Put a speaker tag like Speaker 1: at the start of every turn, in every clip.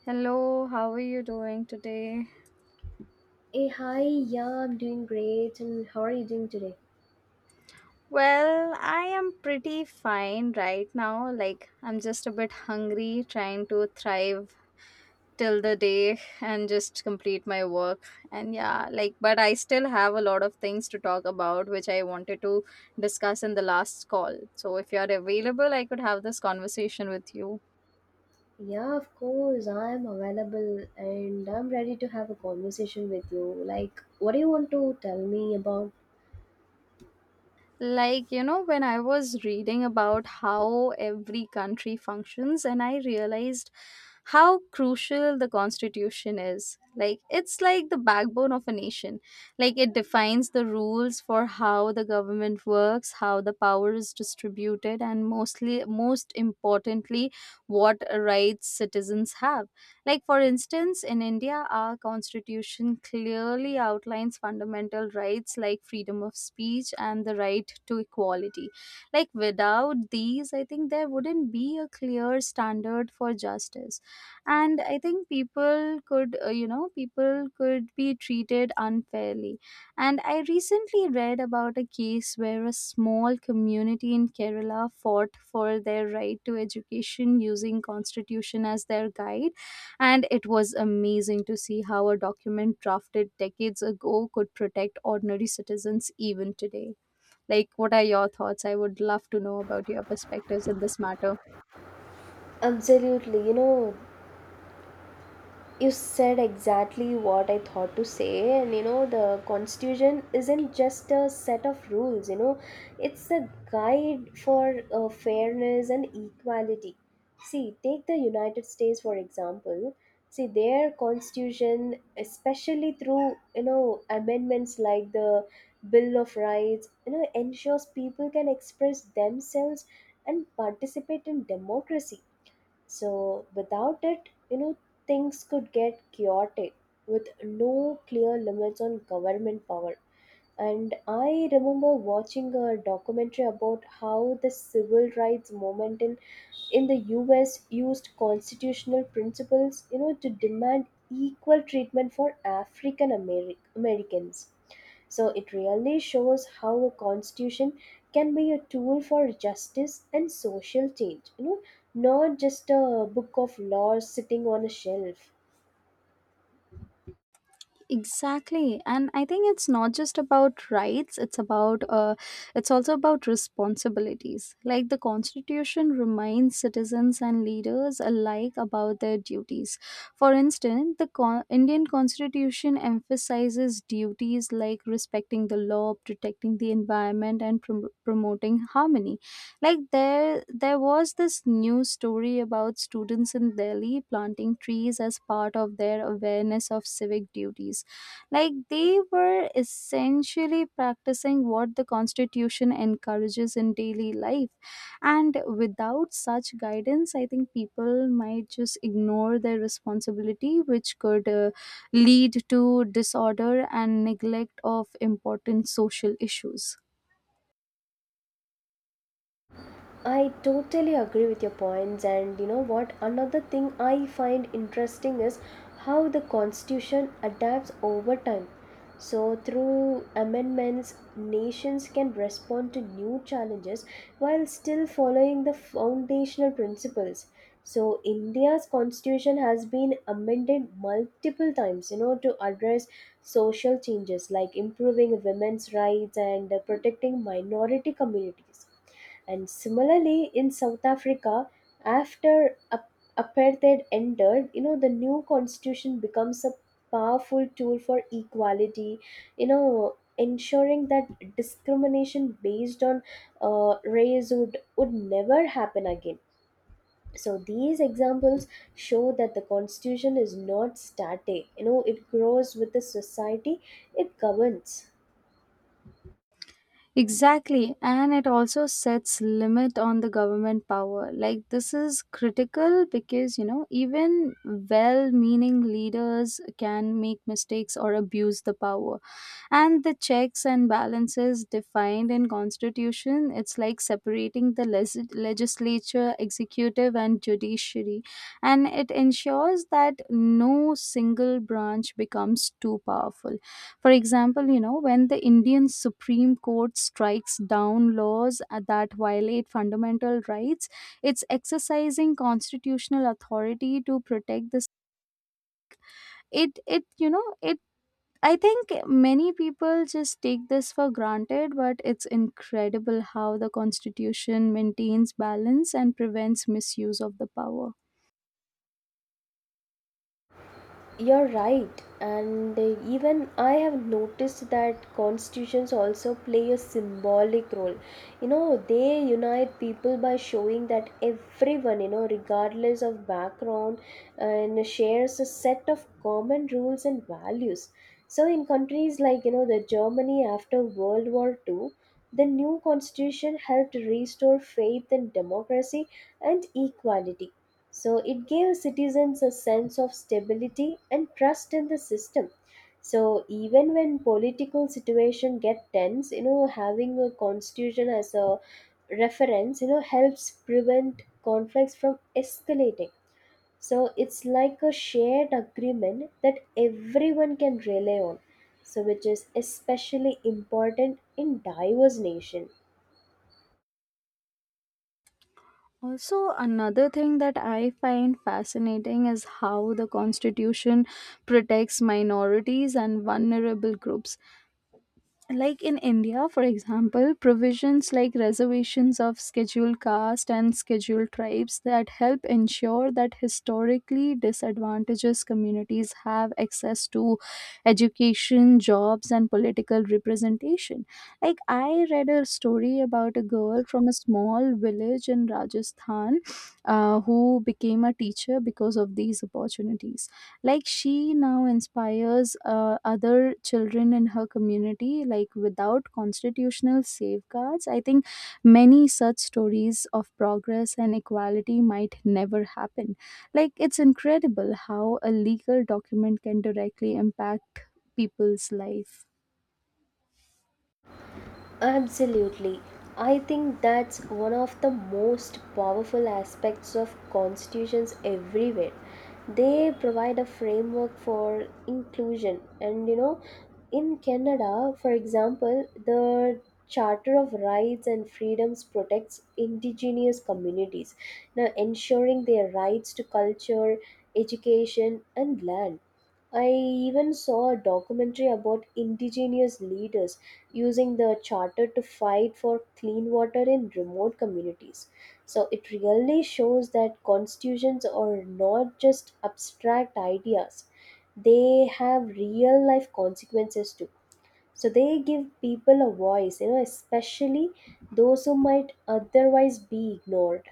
Speaker 1: Hello, how are you doing today?
Speaker 2: Hey, hi, yeah, I'm doing great. And how are you doing today?
Speaker 1: Well, I am pretty fine right now. Like, I'm just a bit hungry, trying to thrive till the day and just complete my work. And yeah, like, but I still have a lot of things to talk about, which I wanted to discuss in the last call. So, if you're available, I could have this conversation with you.
Speaker 2: Yeah, of course, I'm available and I'm ready to have a conversation with you. Like, what do you want to tell me about?
Speaker 1: Like, you know, when I was reading about how every country functions, and I realized how crucial the constitution is. Like, it's like the backbone of a nation. Like, it defines the rules for how the government works, how the power is distributed, and most importantly what rights citizens have. Like, for instance, in India, our constitution clearly outlines fundamental rights like freedom of speech and the right to equality. Like, without these, I think there wouldn't be a clear standard for justice. And I think people could be treated unfairly. And I recently read about a case where a small community in Kerala fought for their right to education using constitution as their guide, and it was amazing to see how a document drafted decades ago could protect ordinary citizens even today. Like, what are your thoughts? I would love to know about your perspectives in this matter.
Speaker 2: Absolutely, you know, you said exactly what I thought to say, and you know, the constitution isn't just a set of rules, you know, it's a guide for fairness and equality. See, take the United States for example. See, their constitution, especially through you know amendments like the Bill of Rights, you know, ensures people can express themselves and participate in democracy so, without it, you know, things could get chaotic with no clear limits on government power. And I remember watching a documentary about how the civil rights movement in the US used constitutional principles, you know, to demand equal treatment for Americans. So it really shows how a constitution can be a tool for justice and social change, you know, not just a book of laws sitting on a shelf.
Speaker 1: Exactly, and I think it's not just about rights, it's also about responsibilities. Like, the constitution reminds citizens and leaders alike about their duties. For instance, the Indian constitution emphasizes duties like respecting the law, protecting the environment, and promoting harmony. Like, there was this news story about students in Delhi planting trees as part of their awareness of civic duties. Like, they were essentially practicing what the constitution encourages in daily life, and without such guidance I think people might just ignore their responsibility, which could lead to disorder and neglect of important social issues.
Speaker 2: I totally agree with your points, and you know what? Another thing I find interesting is how the constitution adapts over time. So, through amendments, nations can respond to new challenges while still following the foundational principles. So, India's constitution has been amended multiple times, you know, to address social changes like improving women's rights and protecting minority communities and similarly, in South Africa, after apartheid ended, you know, the new constitution becomes a powerful tool for equality, you know, ensuring that discrimination based on race would never happen again. So these examples show that the constitution is not static, you know, it grows with the society it governs.
Speaker 1: Exactly, and it also sets limit on the government power. Like, this is critical because, you know, even well-meaning leaders can make mistakes or abuse the power. And the checks and balances defined in constitution, it's like separating the legislature, executive, and judiciary, and it ensures that no single branch becomes too powerful. For example, you know, when the Indian Supreme Court strikes down laws that violate fundamental rights, it's exercising constitutional authority to protect this. It you know it I think many people just take this for granted, but it's incredible how the Constitution maintains balance and prevents misuse of the power.
Speaker 2: You're right, and even I have noticed that constitutions also play a symbolic role. You know, they unite people by showing that everyone, you know, regardless of background, and shares a set of common rules and values. So, in countries like you know the Germany after World War II, the new constitution helped restore faith in democracy and equality so it gave citizens a sense of stability and trust in the system. So even when political situation get tense, you know, having a constitution as a reference, you know, helps prevent conflicts from escalating. So it's like a shared agreement that everyone can rely on. So which is especially important in diverse nation.
Speaker 1: Also, another thing that I find fascinating is how the Constitution protects minorities and vulnerable groups. Like, in India, for example, provisions like reservations of scheduled caste and scheduled tribes that help ensure that historically disadvantaged communities have access to education, jobs, and political representation. Like, I read a story about a girl from a small village in Rajasthan, who became a teacher because of these opportunities. Like, she now inspires other children in her community. Like, without constitutional safeguards I think many such stories of progress and equality might never happen. Like, it's incredible how a legal document can directly impact people's life.
Speaker 2: Absolutely. I think that's one of the most powerful aspects of constitutions everywhere. They provide a framework for inclusion. And you know, in Canada, for example, the Charter of Rights and Freedoms protects indigenous communities, now ensuring their rights to culture, education, and land. I even saw a documentary about indigenous leaders using the charter to fight for clean water in remote communities. So it really shows that constitutions are not just abstract ideas, they have real life consequences too. So they give people a voice, you know, especially those who might otherwise be ignored.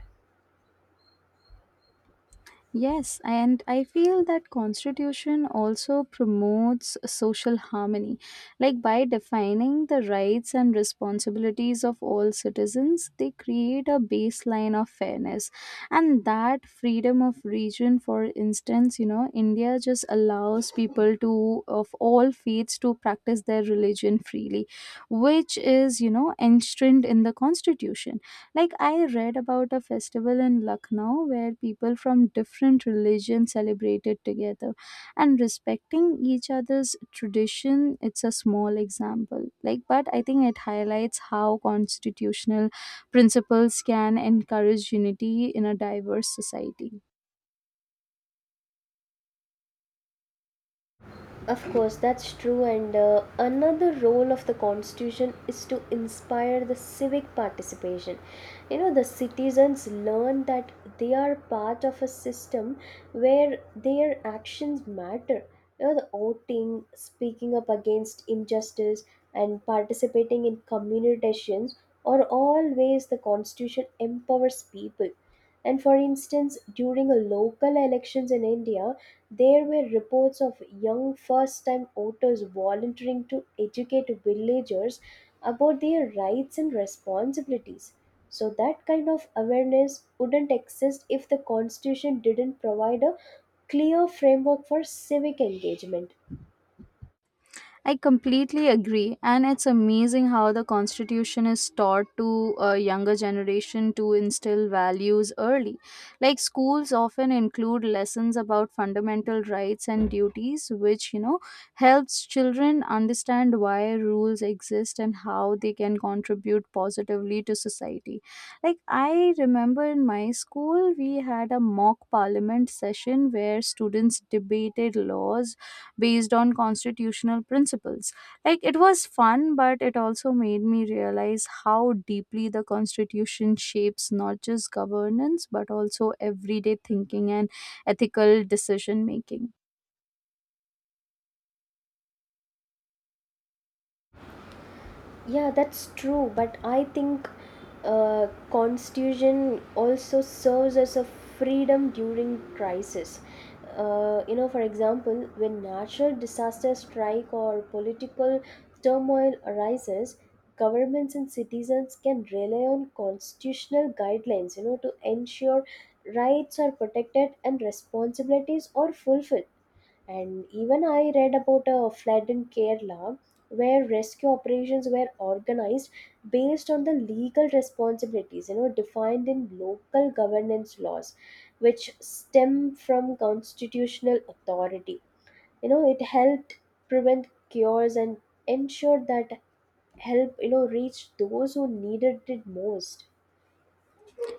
Speaker 1: Yes, and I feel that constitution also promotes social harmony. Like, by defining the rights and responsibilities of all citizens, they create a baseline of fairness. And that freedom of region, for instance, you know, India just allows people to of all faiths to practice their religion freely, which is, you know, enshrined in the constitution. Like, I read about a festival in Lucknow where people from different religions celebrated together and respecting each other's tradition. It's a small example, like, but I think it highlights how constitutional principles can encourage unity in a diverse society.
Speaker 2: Of course, that's true. And another role of the constitution is to inspire the civic participation. You know, the citizens learn that they are part of a system where their actions matter. You know, the voting, speaking up against injustice, and participating in community decisions are all ways the constitution empowers people. And for instance, during a local elections in India, there were reports of young first time voters volunteering to educate villagers about their rights and responsibilities. So, that kind of awareness wouldn't exist if the constitution didn't provide a clear framework for civic engagement.
Speaker 1: I completely agree, and it's amazing how the Constitution is taught to a younger generation to instill values early. Like, schools often include lessons about fundamental rights and duties, which, you know, helps children understand why rules exist and how they can contribute positively to society. Like, I remember in my school, we had a mock parliament session where students debated laws based on constitutional principles. Like, it was fun, but it also made me realize how deeply the Constitution shapes not just governance but also everyday thinking and ethical decision making.
Speaker 2: Yeah, that's true. But I think constitution also serves as a freedom during crisis. You know, for example, when natural disasters strike or political turmoil arises, governments and citizens can rely on constitutional guidelines. You know, to ensure rights are protected and responsibilities are fulfilled and even I read about a flood in Kerala where rescue operations were organized based on the legal responsibilities, you know, defined in local governance laws, which stem from constitutional authority. You know, it helped prevent cures and ensured that help, you know, reached those who needed it most.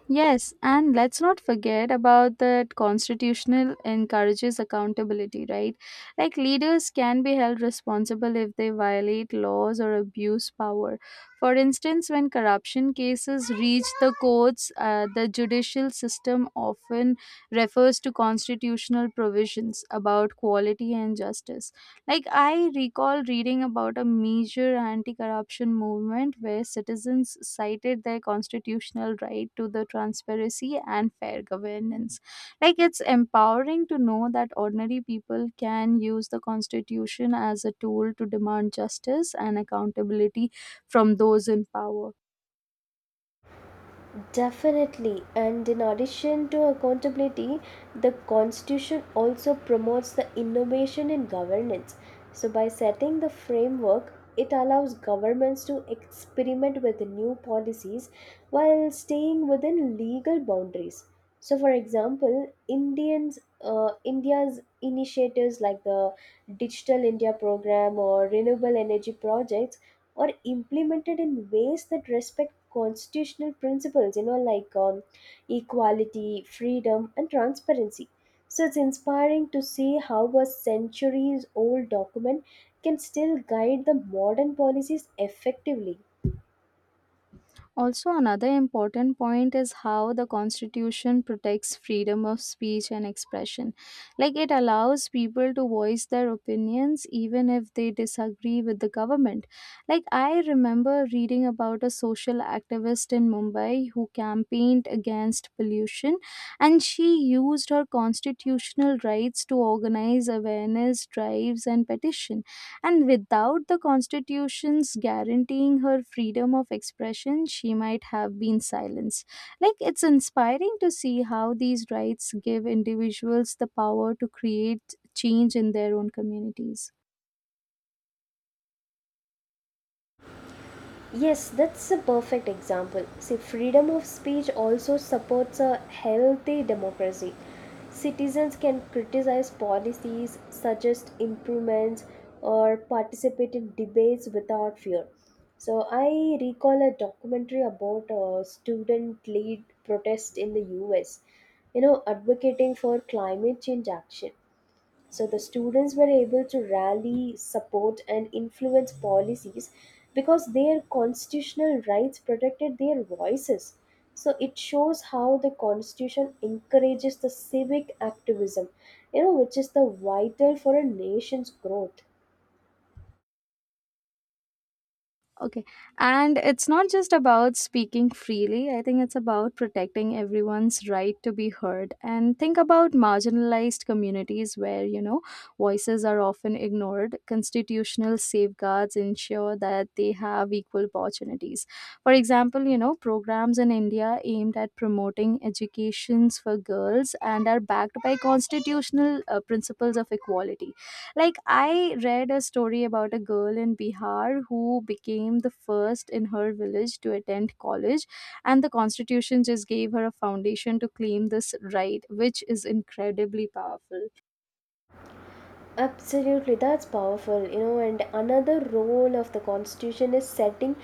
Speaker 1: Yes, and let's not forget about that constitutional encourages accountability, right? Like, leaders can be held responsible if they violate laws or abuse power. For instance, when corruption cases reach the courts, the judicial system often refers to constitutional provisions about quality and justice. Like, I recall reading about a major anti corruption movement where citizens cited their constitutional right to the transparency and fair governance. Like, it's empowering to know that ordinary people can use the constitution as a tool to demand justice and accountability from those in power.
Speaker 2: Definitely, and in addition to accountability, the Constitution also promotes the innovation in governance. So, by setting the framework, it allows governments to experiment with new policies while staying within legal boundaries. So, for example, India's initiatives like the Digital India program or renewable energy projects or implemented in ways that respect constitutional principles, you know, like equality, freedom, and transparency. So it's inspiring to see how a centuries old document can still guide the modern policies effectively.
Speaker 1: Also, another important point is how the Constitution protects freedom of speech and expression. Like, it allows people to voice their opinions even if they disagree with the government. Like, I remember reading about a social activist in Mumbai who campaigned against pollution, and she used her constitutional rights to organize awareness drives and petition, and without the constitution's guaranteeing her freedom of expression she might have been silenced. Like, it's inspiring to see how these rights give individuals the power to create change in their own communities.
Speaker 2: Yes, that's a perfect example. See, freedom of speech also supports a healthy democracy. Citizens can criticize policies, suggest improvements, or participate in debates without fear. So, I recall a documentary about a student led protest in the US, you know, advocating for climate change action. So the students were able to rally, support, and influence policies because their constitutional rights protected their voices. So it shows how the constitution encourages the civic activism, you know, which is the vital for a nation's growth.
Speaker 1: Okay. And it's not just about speaking freely. I think it's about protecting everyone's right to be heard. And think about marginalized communities where, you know, voices are often ignored. Constitutional safeguards ensure that they have equal opportunities. For example, you know, programs in India aimed at promoting educations for girls and are backed by constitutional principles of equality. Like, I read a story about a girl in Bihar who became the first in her village to attend college, and the constitution just gave her a foundation to claim this right, which is incredibly powerful.
Speaker 2: Absolutely, that's powerful, you know. And another role of the constitution is setting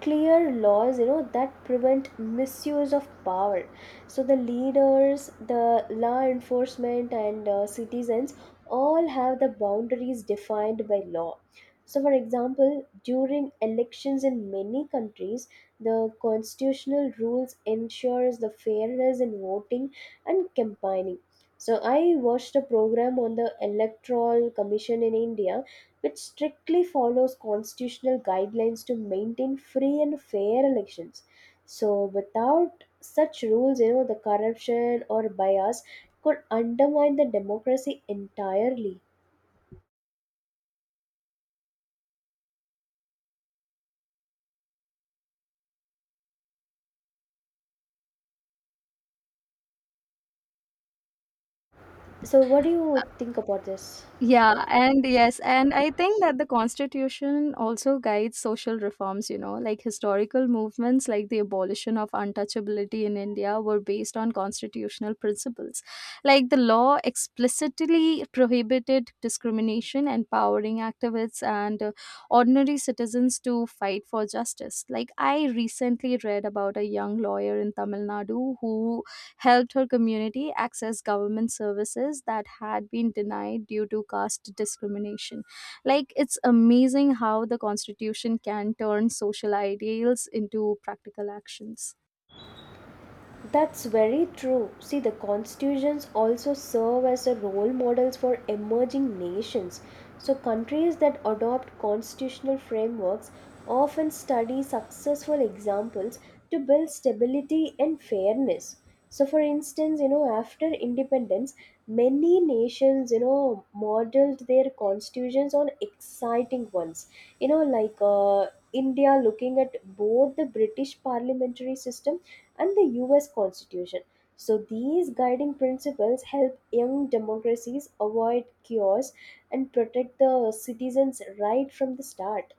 Speaker 2: clear laws, you know, that prevent misuse of power. So the leaders, the law enforcement, and citizens all have the boundaries defined by law. So, for example, during elections in many countries, the constitutional rules ensures the fairness in voting and campaigning so I watched a program on the Electoral Commission in India, which strictly follows constitutional guidelines to maintain free and fair elections. So without such rules, you know, the corruption or bias could undermine the democracy entirely. So what do you think about this?
Speaker 1: Yeah, and yes, and I think that the constitution also guides social reforms, you know, like historical movements like the abolition of untouchability in India were based on constitutional principles. Like, the law explicitly prohibited discrimination, empowering activists and ordinary citizens to fight for justice. Like, I recently read about a young lawyer in Tamil Nadu who helped her community access government services that had been denied due to caste discrimination. Like, it's amazing how the Constitution can turn social ideals into practical actions.
Speaker 2: That's very true. See, the constitutions also serve as a role models for emerging nations. So countries that adopt constitutional frameworks often study successful examples to build stability and fairness. So for instance, you know, after independence, many nations, you know, modeled their constitutions on exciting ones. You know, like India looking at both the British parliamentary system and the US Constitution. So, these guiding principles help young democracies avoid chaos and protect the citizens right from the start.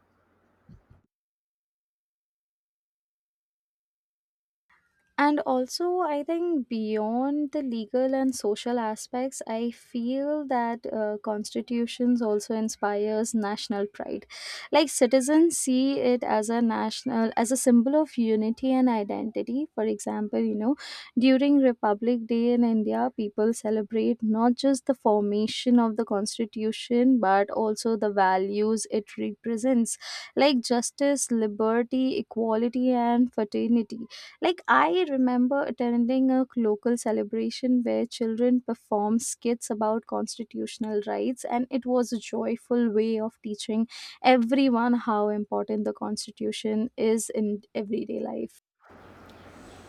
Speaker 1: And also, I think beyond the legal and social aspects, I feel that constitutions also inspires national pride. Like, citizens see it as a symbol of unity and identity. For example, you know, during Republic Day in India, people celebrate not just the formation of the constitution but also the values it represents, like justice, liberty, equality, and fraternity. Like, I remember attending a local celebration where children performed skits about constitutional rights, and it was a joyful way of teaching everyone how important the Constitution is in everyday life.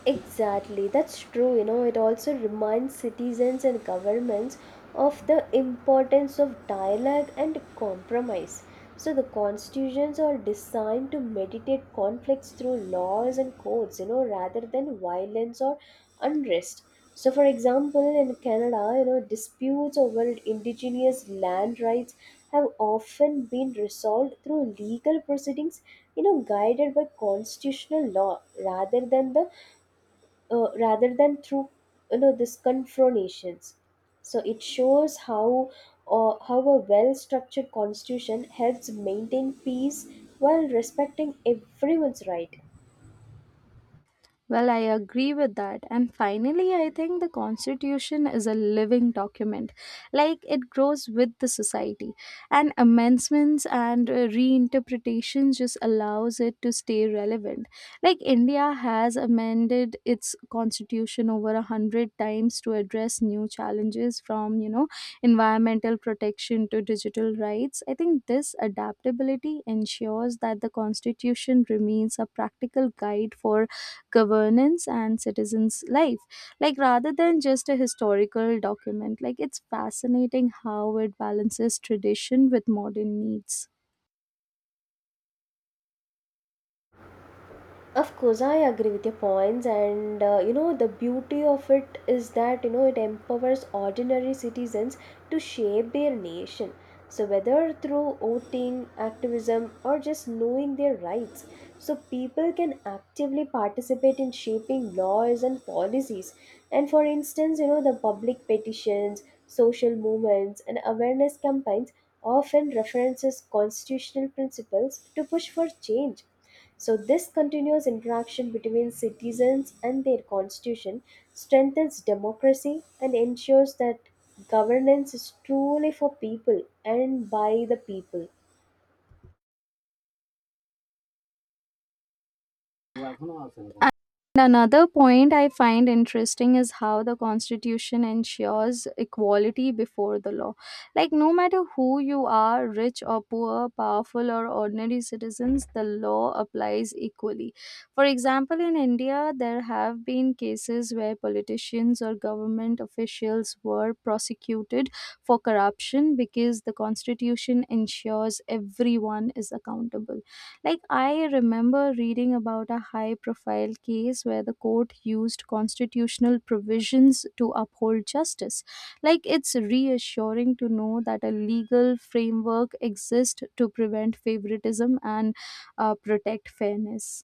Speaker 2: Exactly, that's true. You know, it also reminds citizens and governments of the importance of dialogue and compromise. So, the constitutions are designed to mediate conflicts through laws and codes, you know, rather than violence or unrest. So, for example, in Canada, you know, disputes over indigenous land rights have often been resolved through legal proceedings, you know, guided by constitutional law rather than through you know this confrontations so it shows how a well structured constitution helps maintain peace while respecting everyone's right.
Speaker 1: Well, I agree with that. And finally, I think the Constitution is a living document. Like, it grows with the society. And amendments and reinterpretations just allows it to stay relevant. Like, India has amended its constitution over 100 times to address new challenges, from, you know, environmental protection to digital rights. I think this adaptability ensures that the constitution remains a practical guide for governance and citizens life, like, rather than just a historical document. Like, it's fascinating how it balances tradition with modern needs.
Speaker 2: Of course, I agree with your points, and you know, the beauty of it is that you know it empowers ordinary citizens to shape their nation. So, whether through voting, activism, or just knowing their rights, so people can actively participate in shaping laws and policies. And for instance, you know, the public petitions, social movements, and awareness campaigns often references constitutional principles to push for change so, this continuous interaction between citizens and their constitution strengthens democracy and ensures that governance is truly for people and by the people.
Speaker 1: And another point I find interesting is how the Constitution ensures equality before the law. Like, no matter who you are, rich or poor, powerful or ordinary citizens, the law applies equally. For example, in India, there have been cases where politicians or government officials were prosecuted for corruption because the Constitution ensures everyone is accountable. Like, I remember reading about a high profile case where the court used constitutional provisions to uphold justice. Like, it's reassuring to know that a legal framework exists to prevent favoritism and protect fairness.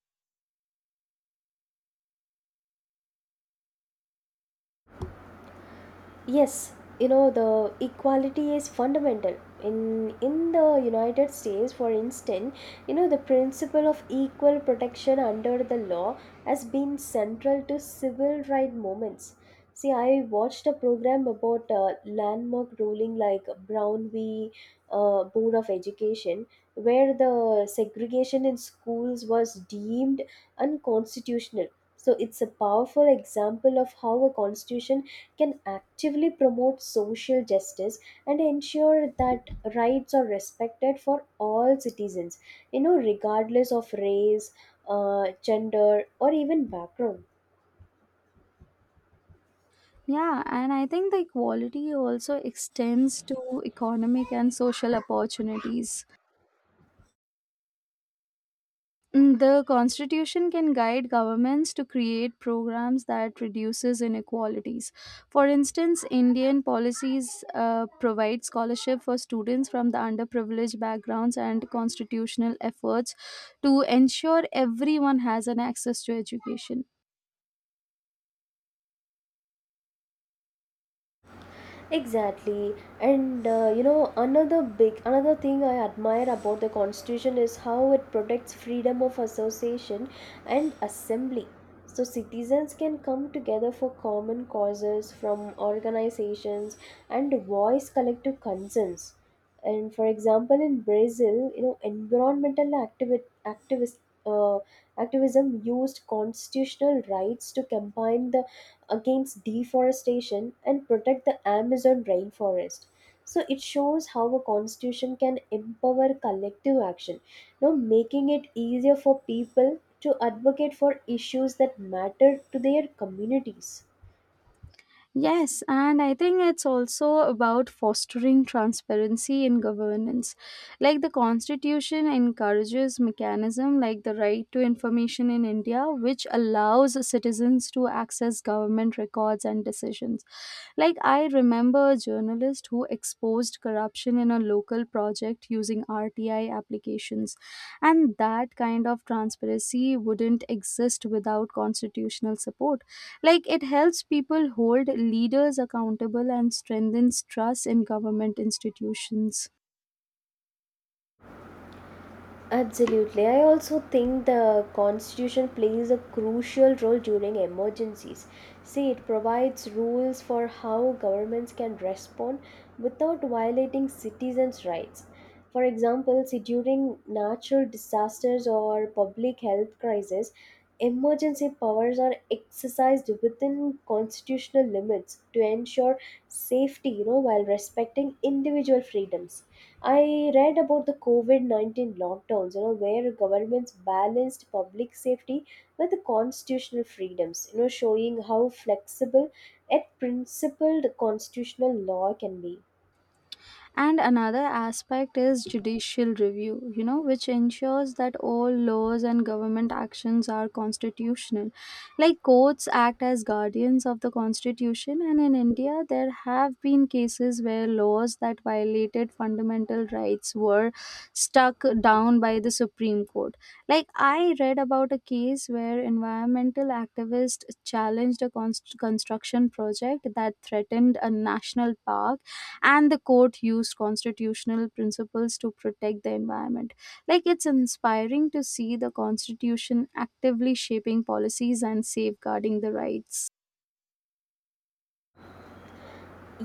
Speaker 2: Yes, you know the equality is fundamental in the United States for instance, you know the principle of equal protection under the law has been central to civil rights movements. See, I watched a program about landmark ruling like Brown v. Board of Education, where the segregation in schools was deemed unconstitutional. So it's a powerful example of how a constitution can actively promote social justice and ensure that rights are respected for all citizens, you know, regardless of race, gender, or even background.
Speaker 1: Yeah, and I think the equality also extends to economic and social opportunities. The constitution can guide governments to create programs that reduces inequalities. For instance, Indian policies provide scholarship for students from the underprivileged backgrounds and constitutional efforts to ensure everyone has an access to education.
Speaker 2: Exactly. And you know, another thing I admire about the constitution is how it protects freedom of association and assembly. So citizens can come together for common causes from organizations and voice collective concerns. And for example, in Brazil, you know, environmental activi- activist uh, activism used constitutional rights to combine the against deforestation and protect the Amazon rainforest. So it shows how a constitution can empower collective action, you know, making it easier for people to advocate for issues that matter to their communities.
Speaker 1: Yes, and I think it's also about fostering transparency in governance. Like, the constitution encourages mechanism like the right to information in India, which allows citizens to access government records and decisions. Like, I remember a journalist who exposed corruption in a local project using RTI applications, and that kind of transparency wouldn't exist without constitutional support. Like, it helps people hold leaders accountable and strengthens trust in government institutions.
Speaker 2: Absolutely. I also think the Constitution plays a crucial role during emergencies. See, it provides rules for how governments can respond without violating citizens' rights. For example, see, during natural disasters or public health crises, emergency powers are exercised within constitutional limits to ensure safety, you know, while respecting individual freedoms. I read about the COVID 19 lockdowns, you know, where governments balanced public safety with the constitutional freedoms, you know, showing how flexible yet principled constitutional law can be.
Speaker 1: And another aspect is judicial review, you know, which ensures that all laws and government actions are constitutional. Like, courts act as guardians of the constitution, and in India, there have been cases where laws that violated fundamental rights were struck down by the Supreme Court. Like, I read about a case where environmental activists challenged a construction project that threatened a national park, and the court used constitutional principles to protect the environment. Like, it's inspiring to see the constitution actively shaping policies and safeguarding the rights.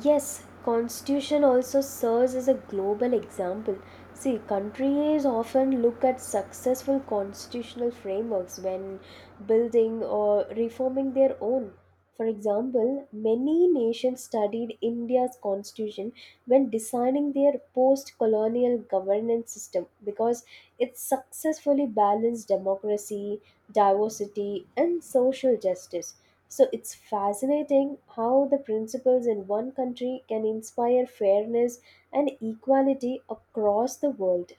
Speaker 2: Yes, constitution also serves as a global example. See, countries often look at successful constitutional frameworks when building or reforming their own. For example, many nations studied India's constitution when designing their post-colonial governance system because it successfully balanced democracy, diversity, and social justice. So it's fascinating how the principles in one country can inspire fairness and equality across the world.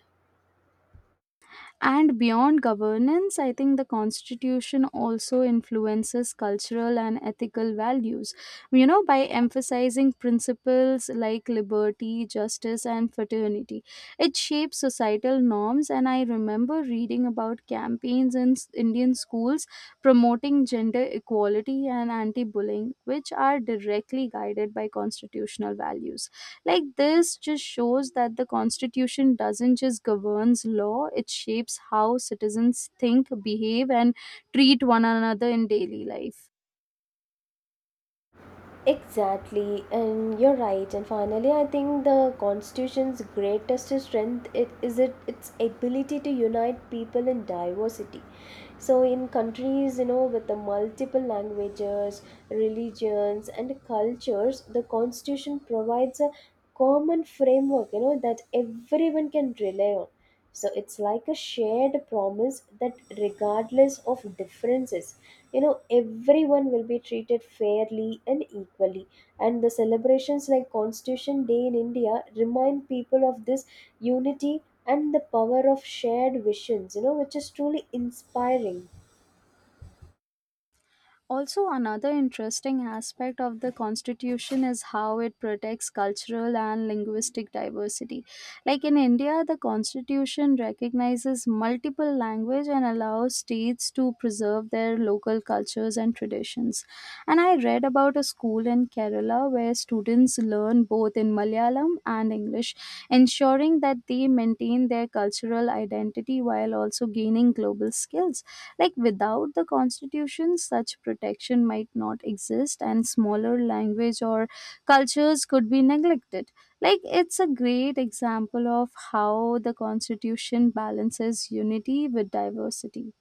Speaker 1: And beyond governance, I think the constitution also influences cultural and ethical values. You know, by emphasizing principles like liberty, justice, and fraternity, it shapes societal norms. And I remember reading about campaigns in Indian schools promoting gender equality and anti bullying, which are directly guided by constitutional values. Like, this just shows that the constitution doesn't just governs law, it shapes how citizens think, behave, and treat one another in daily life.
Speaker 2: Exactly, and you're right. And finally, I think the Constitution's greatest strength it is it its ability to unite people in diversity. So, in countries you know with the multiple languages, religions, and cultures, the Constitution provides a common framework you know that everyone can rely on. So it's like a shared promise that regardless of differences, you know, everyone will be treated fairly and equally, and the celebrations like constitution day in India remind people of this unity and the power of shared visions, you know, which is truly inspiring.
Speaker 1: Also, another interesting aspect of the constitution is how it protects cultural and linguistic diversity. Like, in India, the constitution recognizes multiple language and allows states to preserve their local cultures and traditions. And I read about a school in Kerala where students learn both in Malayalam and English, ensuring that they maintain their cultural identity while also gaining global skills. Like, without the constitution, such protection might not exist, and smaller language or cultures could be neglected. Like, it's a great example of how the constitution balances unity with diversity.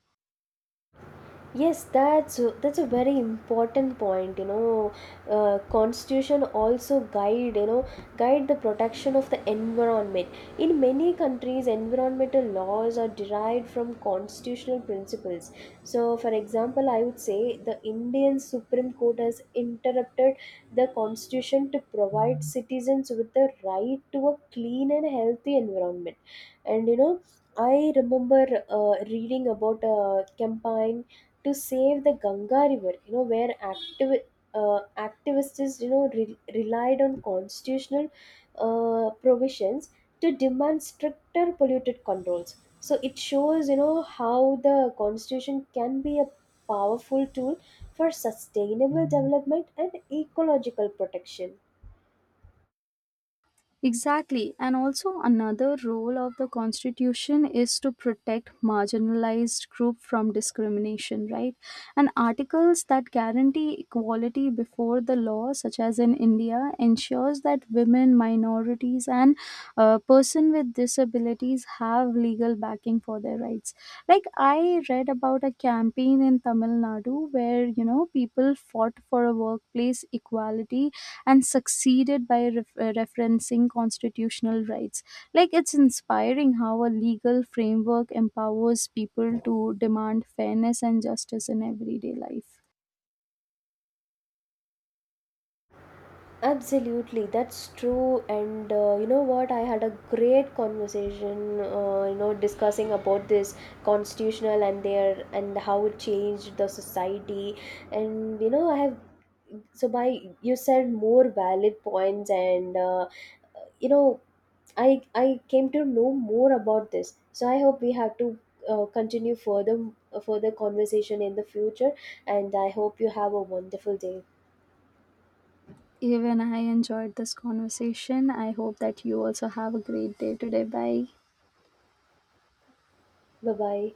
Speaker 2: Yes, that's a very important point. You know, uh, constitution also guide you know guide the protection of the environment. In many countries, environmental laws are derived from constitutional principles. So, for example, I would say the Indian Supreme Court has interrupted the constitution to provide citizens with the right to a clean and healthy environment. And you know, I remember reading about a campaign to save the Ganga River, you know, where activists, you know, relied on constitutional provisions to demand stricter polluted controls. So it shows, you know, how the constitution can be a powerful tool for sustainable development and ecological protection.
Speaker 1: Exactly. And also, another role of the Constitution is to protect marginalized group from discrimination, right? And articles that guarantee equality before the law, such as in India, ensures that women, minorities, and person with disabilities have legal backing for their rights. Like, I read about a campaign in Tamil Nadu where, you know, people fought for a workplace equality and succeeded by referencing constitutional rights. Like, it's inspiring how a legal framework empowers people to demand fairness and justice in everyday life.
Speaker 2: Absolutely, that's true. And you know what? I had a great conversation, you know, discussing about this constitutional and how it changed the society. And you know, I have so by you said more valid points, and you know, I came to know more about this. So I hope we have to continue further conversation in the future. And I hope you have a wonderful day.
Speaker 1: Even I enjoyed this conversation. I hope that you also have a great day today. Bye.
Speaker 2: Bye bye.